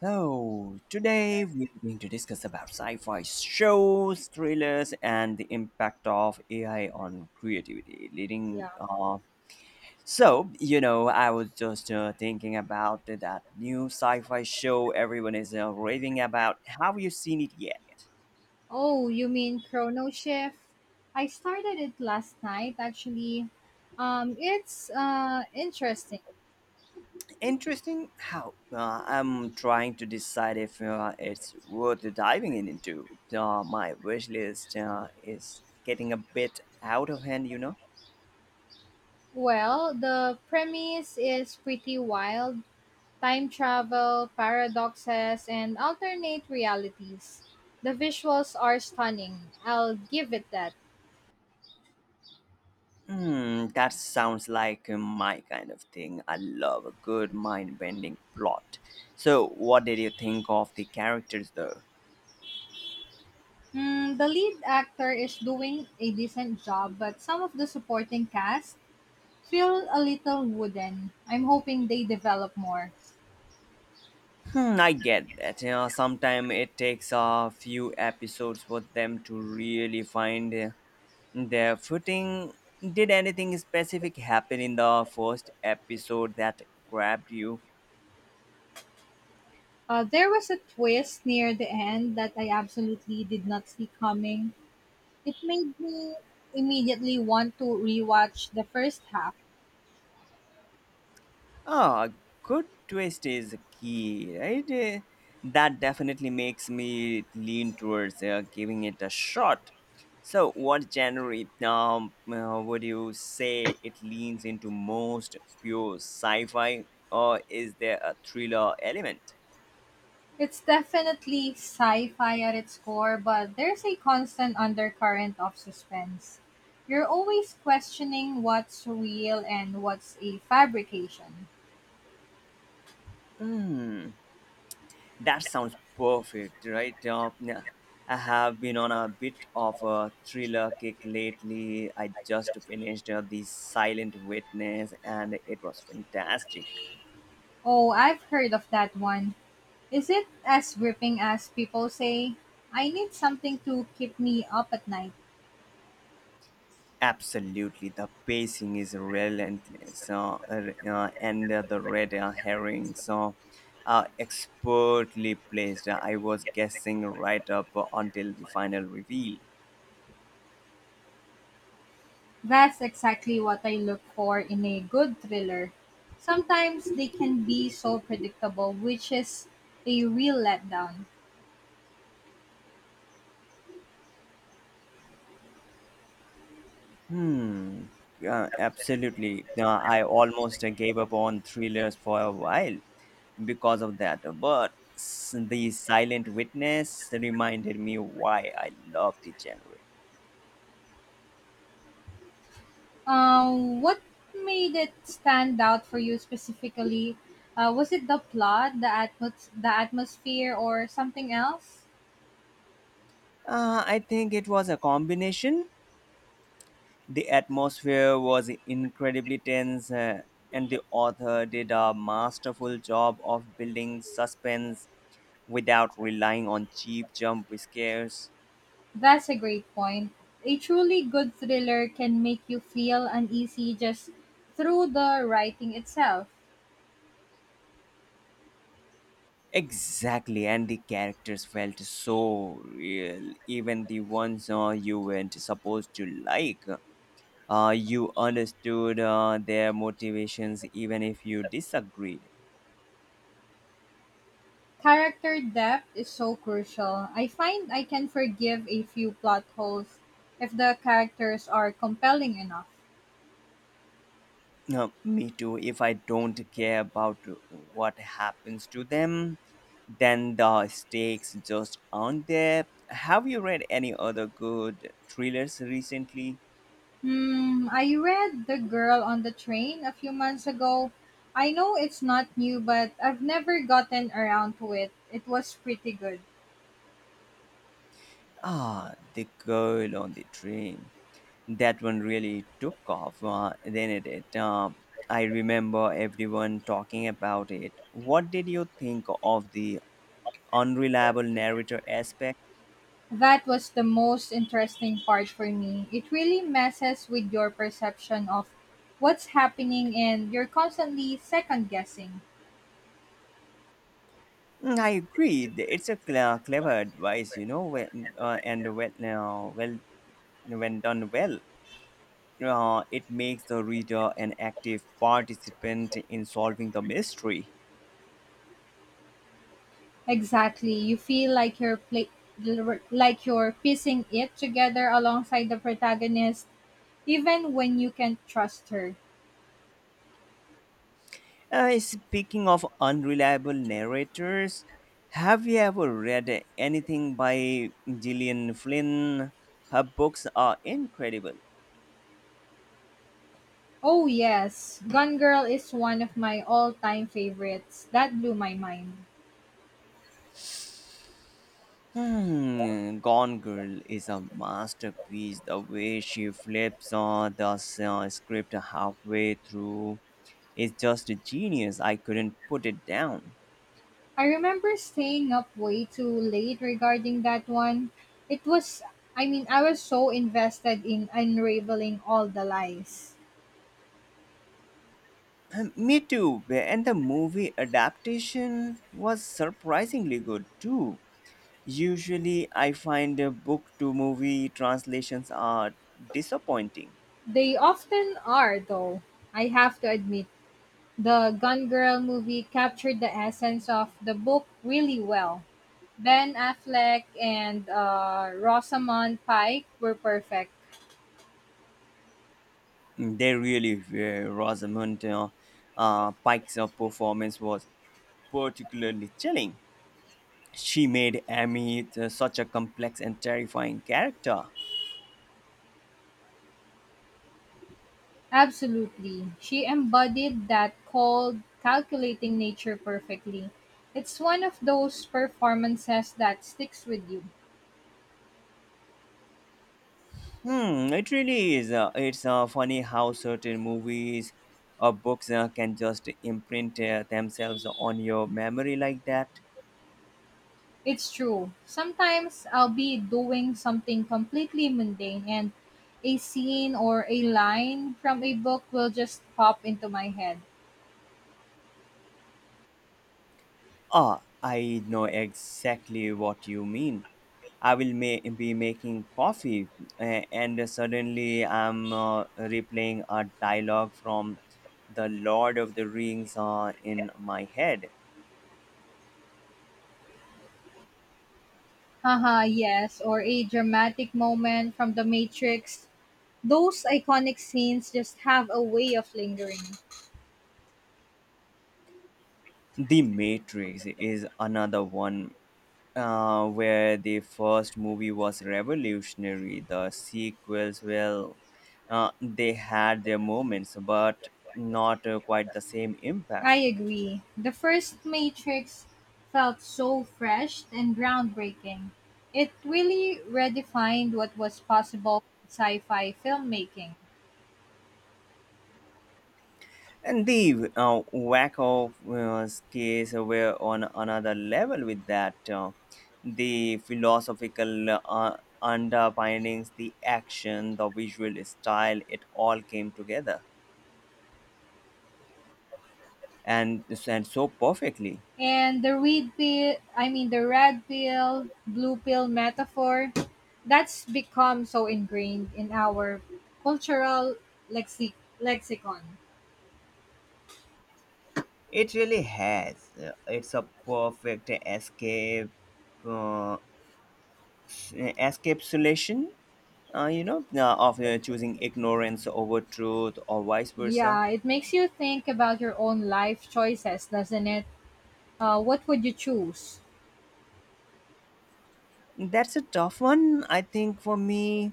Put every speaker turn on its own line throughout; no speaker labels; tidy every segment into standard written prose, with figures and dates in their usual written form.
So, today we're going to discuss about sci fi shows, thrillers, and the impact of AI on creativity.
Yeah.
I was just thinking about that new sci fi show everyone is raving about. Have you seen it yet?
Oh, you mean Chrono Shift? I started it last night actually. It's interesting.
Interesting how. I'm trying to decide if it's worth diving in into. My wish list is getting a bit out of hand.
Well, the premise is pretty wild. Time travel, paradoxes, and alternate realities. The visuals are stunning. I'll give it that.
Hmm, that sounds like my kind of thing. I love a good mind-bending plot. So, what did you think of the characters, though?
Mm, the lead actor is doing a decent job, but some of the supporting cast feel a little wooden. I'm hoping they develop more.
Hmm, I get that. You know, sometimes it takes a few episodes for them to really find their footing. Did anything specific happen in the first episode that grabbed you?
There was a twist near the end that I absolutely did not see coming. It made me immediately want to rewatch the first half.
Oh, a good twist is key, right? That definitely makes me lean towards giving it a shot. So, what genre would you say it leans into most? Pure sci fi, or is there a thriller element?
It's definitely sci fi at its core, but there's a constant undercurrent of suspense. You're always questioning what's real and what's a fabrication.
Hmm. That sounds perfect, right? Yeah. I have been on a bit of a thriller kick lately. I just finished The Silent Witness and it was fantastic.
Oh, I've heard of that one. Is it as gripping as people say? I need something to keep me up at night.
Absolutely, the pacing is relentless. And the red herrings are expertly placed. I was guessing right up until the final reveal.
That's exactly what I look for in a good thriller. Sometimes they can be so predictable, which is a real letdown.
Hmm. Yeah, absolutely. Now, I almost gave up on thrillers for a while because of that, but the Silent Witness reminded me why I love the genre.
What made it stand out for you specifically? Was it the plot, the atmosphere, or something else?
I think it was a combination. The atmosphere was incredibly tense, and the author did a masterful job of building suspense without relying on cheap jump scares.
That's a great point. A truly good thriller can make you feel uneasy just through the writing itself.
Exactly, and the characters felt so real, even the ones you weren't supposed to like. You understood their motivations even if you disagreed.
Character depth is so crucial. I find I can forgive a few plot holes if the characters are compelling enough.
Me too, if I don't care about what happens to them, then the stakes just aren't there. Have you read any other good thrillers recently?
Hmm, I read The Girl on the Train a few months ago. I know it's not new, but I've never gotten around to it. It was pretty good.
Ah, The Girl on the Train, that one really took off, didn't it? I remember everyone talking about it. What did you think of the unreliable narrator aspect?
That was the most interesting part for me. It really messes with your perception of what's happening, and you're constantly second guessing.
Mm, I agree. It's a clever advice, you know, when done well, it makes the reader an active participant in solving the mystery.
Exactly. You feel like you're piecing it together alongside the protagonist, even when you can't trust her.
Speaking of unreliable narrators, have you ever read anything by Gillian Flynn? Her books are incredible.
Oh yes, Gone Girl is one of my all-time favorites. That blew my mind.
Hmm, Gone Girl is a masterpiece. The way she flips on the script halfway through is just genius. I couldn't put it down.
I remember staying up way too late regarding that one. It was I mean, I was so invested in unraveling all the lies.
Me too. And the movie adaptation was surprisingly good too. Usually, I find book to movie translations are disappointing.
They often are though, I have to admit. The "Gone Girl" movie captured the essence of the book really well. Ben Affleck and Rosamund Pike were perfect.
Mm, they really were. Rosamund Pike's performance was particularly chilling. She made Amy such a complex and terrifying character.
Absolutely. She embodied that cold, calculating nature perfectly. It's one of those performances that sticks with you.
Hmm, it really is. It's funny how certain movies or books can just imprint themselves on your memory like that.
It's true. Sometimes I'll be doing something completely mundane and a scene or a line from a book will just pop into my head.
Ah, I know exactly what you mean. I will be making coffee, and suddenly I'm replaying a dialogue from The Lord of the Rings in my head.
Haha, yes, or a dramatic moment from The Matrix. Those iconic scenes just have a way of lingering.
The Matrix is another one where the first movie was revolutionary. The sequels, well, they had their moments, but not quite the same impact.
I agree. The first Matrix felt so fresh and groundbreaking. It really redefined what was possible in sci-fi filmmaking.
And the whack of case were on another level with that. The philosophical underpinnings, the action, the visual style, it all came together and so perfectly.
And the red pill, I mean the red pill, blue pill metaphor, that's become so ingrained in our cultural lexi- lexicon.
It really has. It's a perfect uh, s- escapsulation, of choosing ignorance over truth or vice versa.
Yeah, it makes you think about your own life choices, doesn't it? What would you choose?
That's a tough one. I think for me,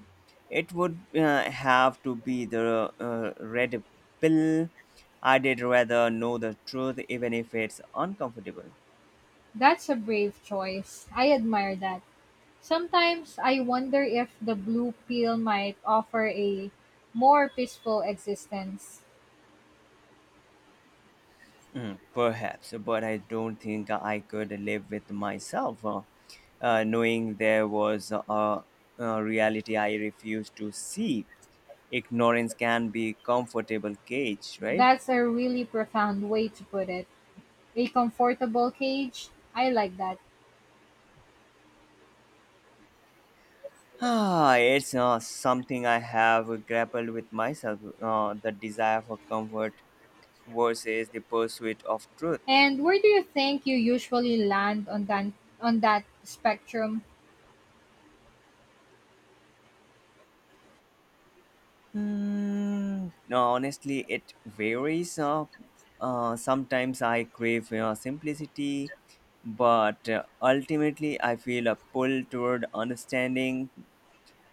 it would have to be the red pill. I did rather know the truth, even if it's uncomfortable.
That's a brave choice. I admire that. Sometimes I wonder if the blue pill might offer a more peaceful existence.
Mm, perhaps, but I don't think I could live with myself, knowing there was a reality I refused to see. Ignorance can be comfortable cage, right?
That's a really profound way to put it. A comfortable cage. I like that.
Ah, it's something I have grappled with myself. The desire for comfort versus the pursuit of truth.
And where do you think you usually land on that spectrum?
Hmm. No, honestly, it varies. Sometimes I crave simplicity, but ultimately I feel a pull toward understanding.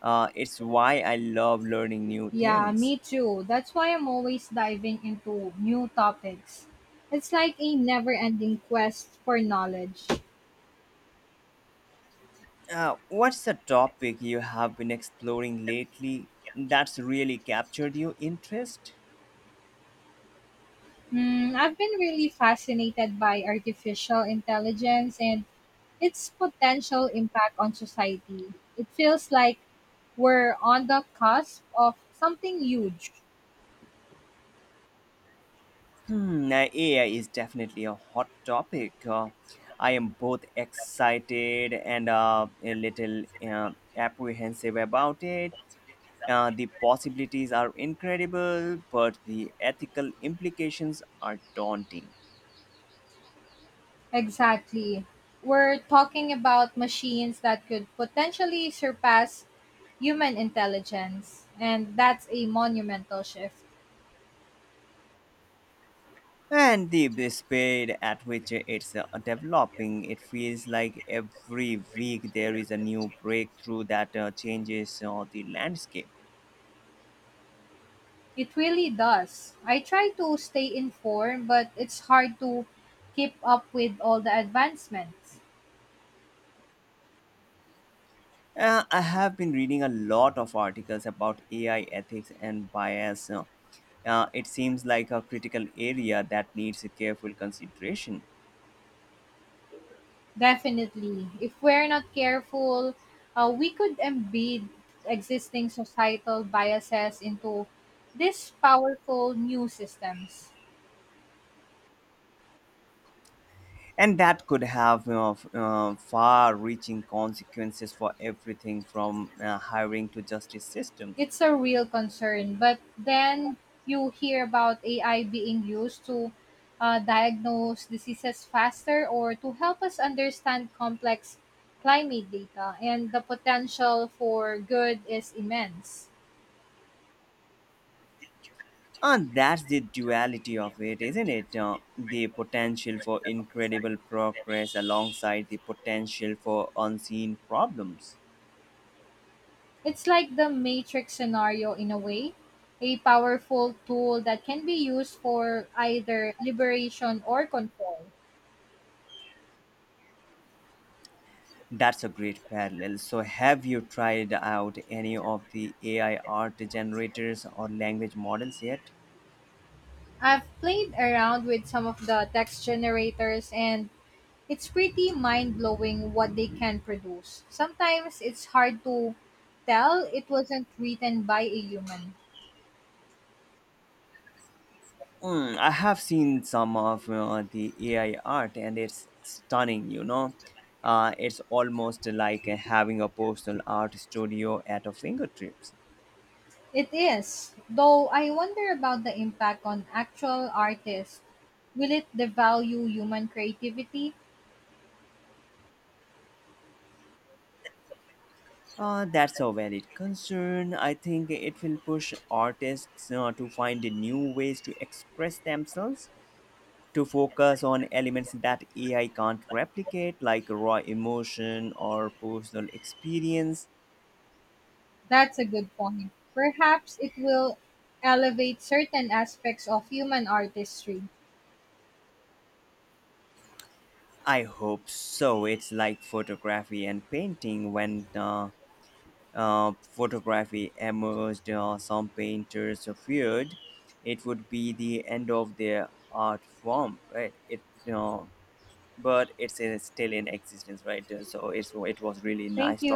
It's why I love learning new
Yeah,
things.
me too. That's why I'm always diving into new topics. It's like a never ending quest for knowledge.
What's the topic you have been exploring lately that's really captured your interest?
Mm, I've been really fascinated by artificial intelligence and its potential impact on society. It feels like we're on the cusp of something huge.
Hmm, AI is definitely a hot topic. I am both excited and a little apprehensive about it. The possibilities are incredible, but the ethical implications are daunting.
Exactly. We're talking about machines that could potentially surpass human intelligence, and that's a monumental shift.
And the speed at which it's developing, it feels like every week there is a new breakthrough that changes the landscape.
It really does. I try to stay informed, but it's hard to keep up with all the advancements.
I have been reading a lot of articles about AI ethics and bias. It seems like a critical area that needs a careful consideration,
Definitely. If we're not careful, we could embed existing societal biases into these powerful new systems.
and that could have far-reaching consequences for everything from hiring to justice systems.
It's a real concern. But then you hear about AI being used to diagnose diseases faster or to help us understand complex climate data, and the potential for good is immense.
And that's the duality of it, isn't it? The potential for incredible progress alongside the potential for unseen problems.
It's like the matrix scenario in a way, a powerful tool that can be used for either liberation or control.
That's a great parallel. So, have you tried out any of the AI art generators or language models yet?
I've played around with some of the text generators, and it's pretty mind blowing what they can produce. Sometimes it's hard to tell it wasn't written by a human.
Mm, I have seen some of the AI art and it's stunning, you know. It's almost like having a personal art studio at our fingertips.
It is, though I wonder about the impact on actual artists. Will it devalue human creativity?
That's a valid concern. I think it will push artists to find new ways to express themselves to focus on elements that AI can't replicate, like raw emotion or personal experience.
That's a good point. Perhaps it will elevate certain aspects of human artistry.
I hope so. It's like photography and painting when photography emerged, some painters feared it would be the end of their art form, right? It uh, but it's still in existence, right? So it was really
Thank
nice
you.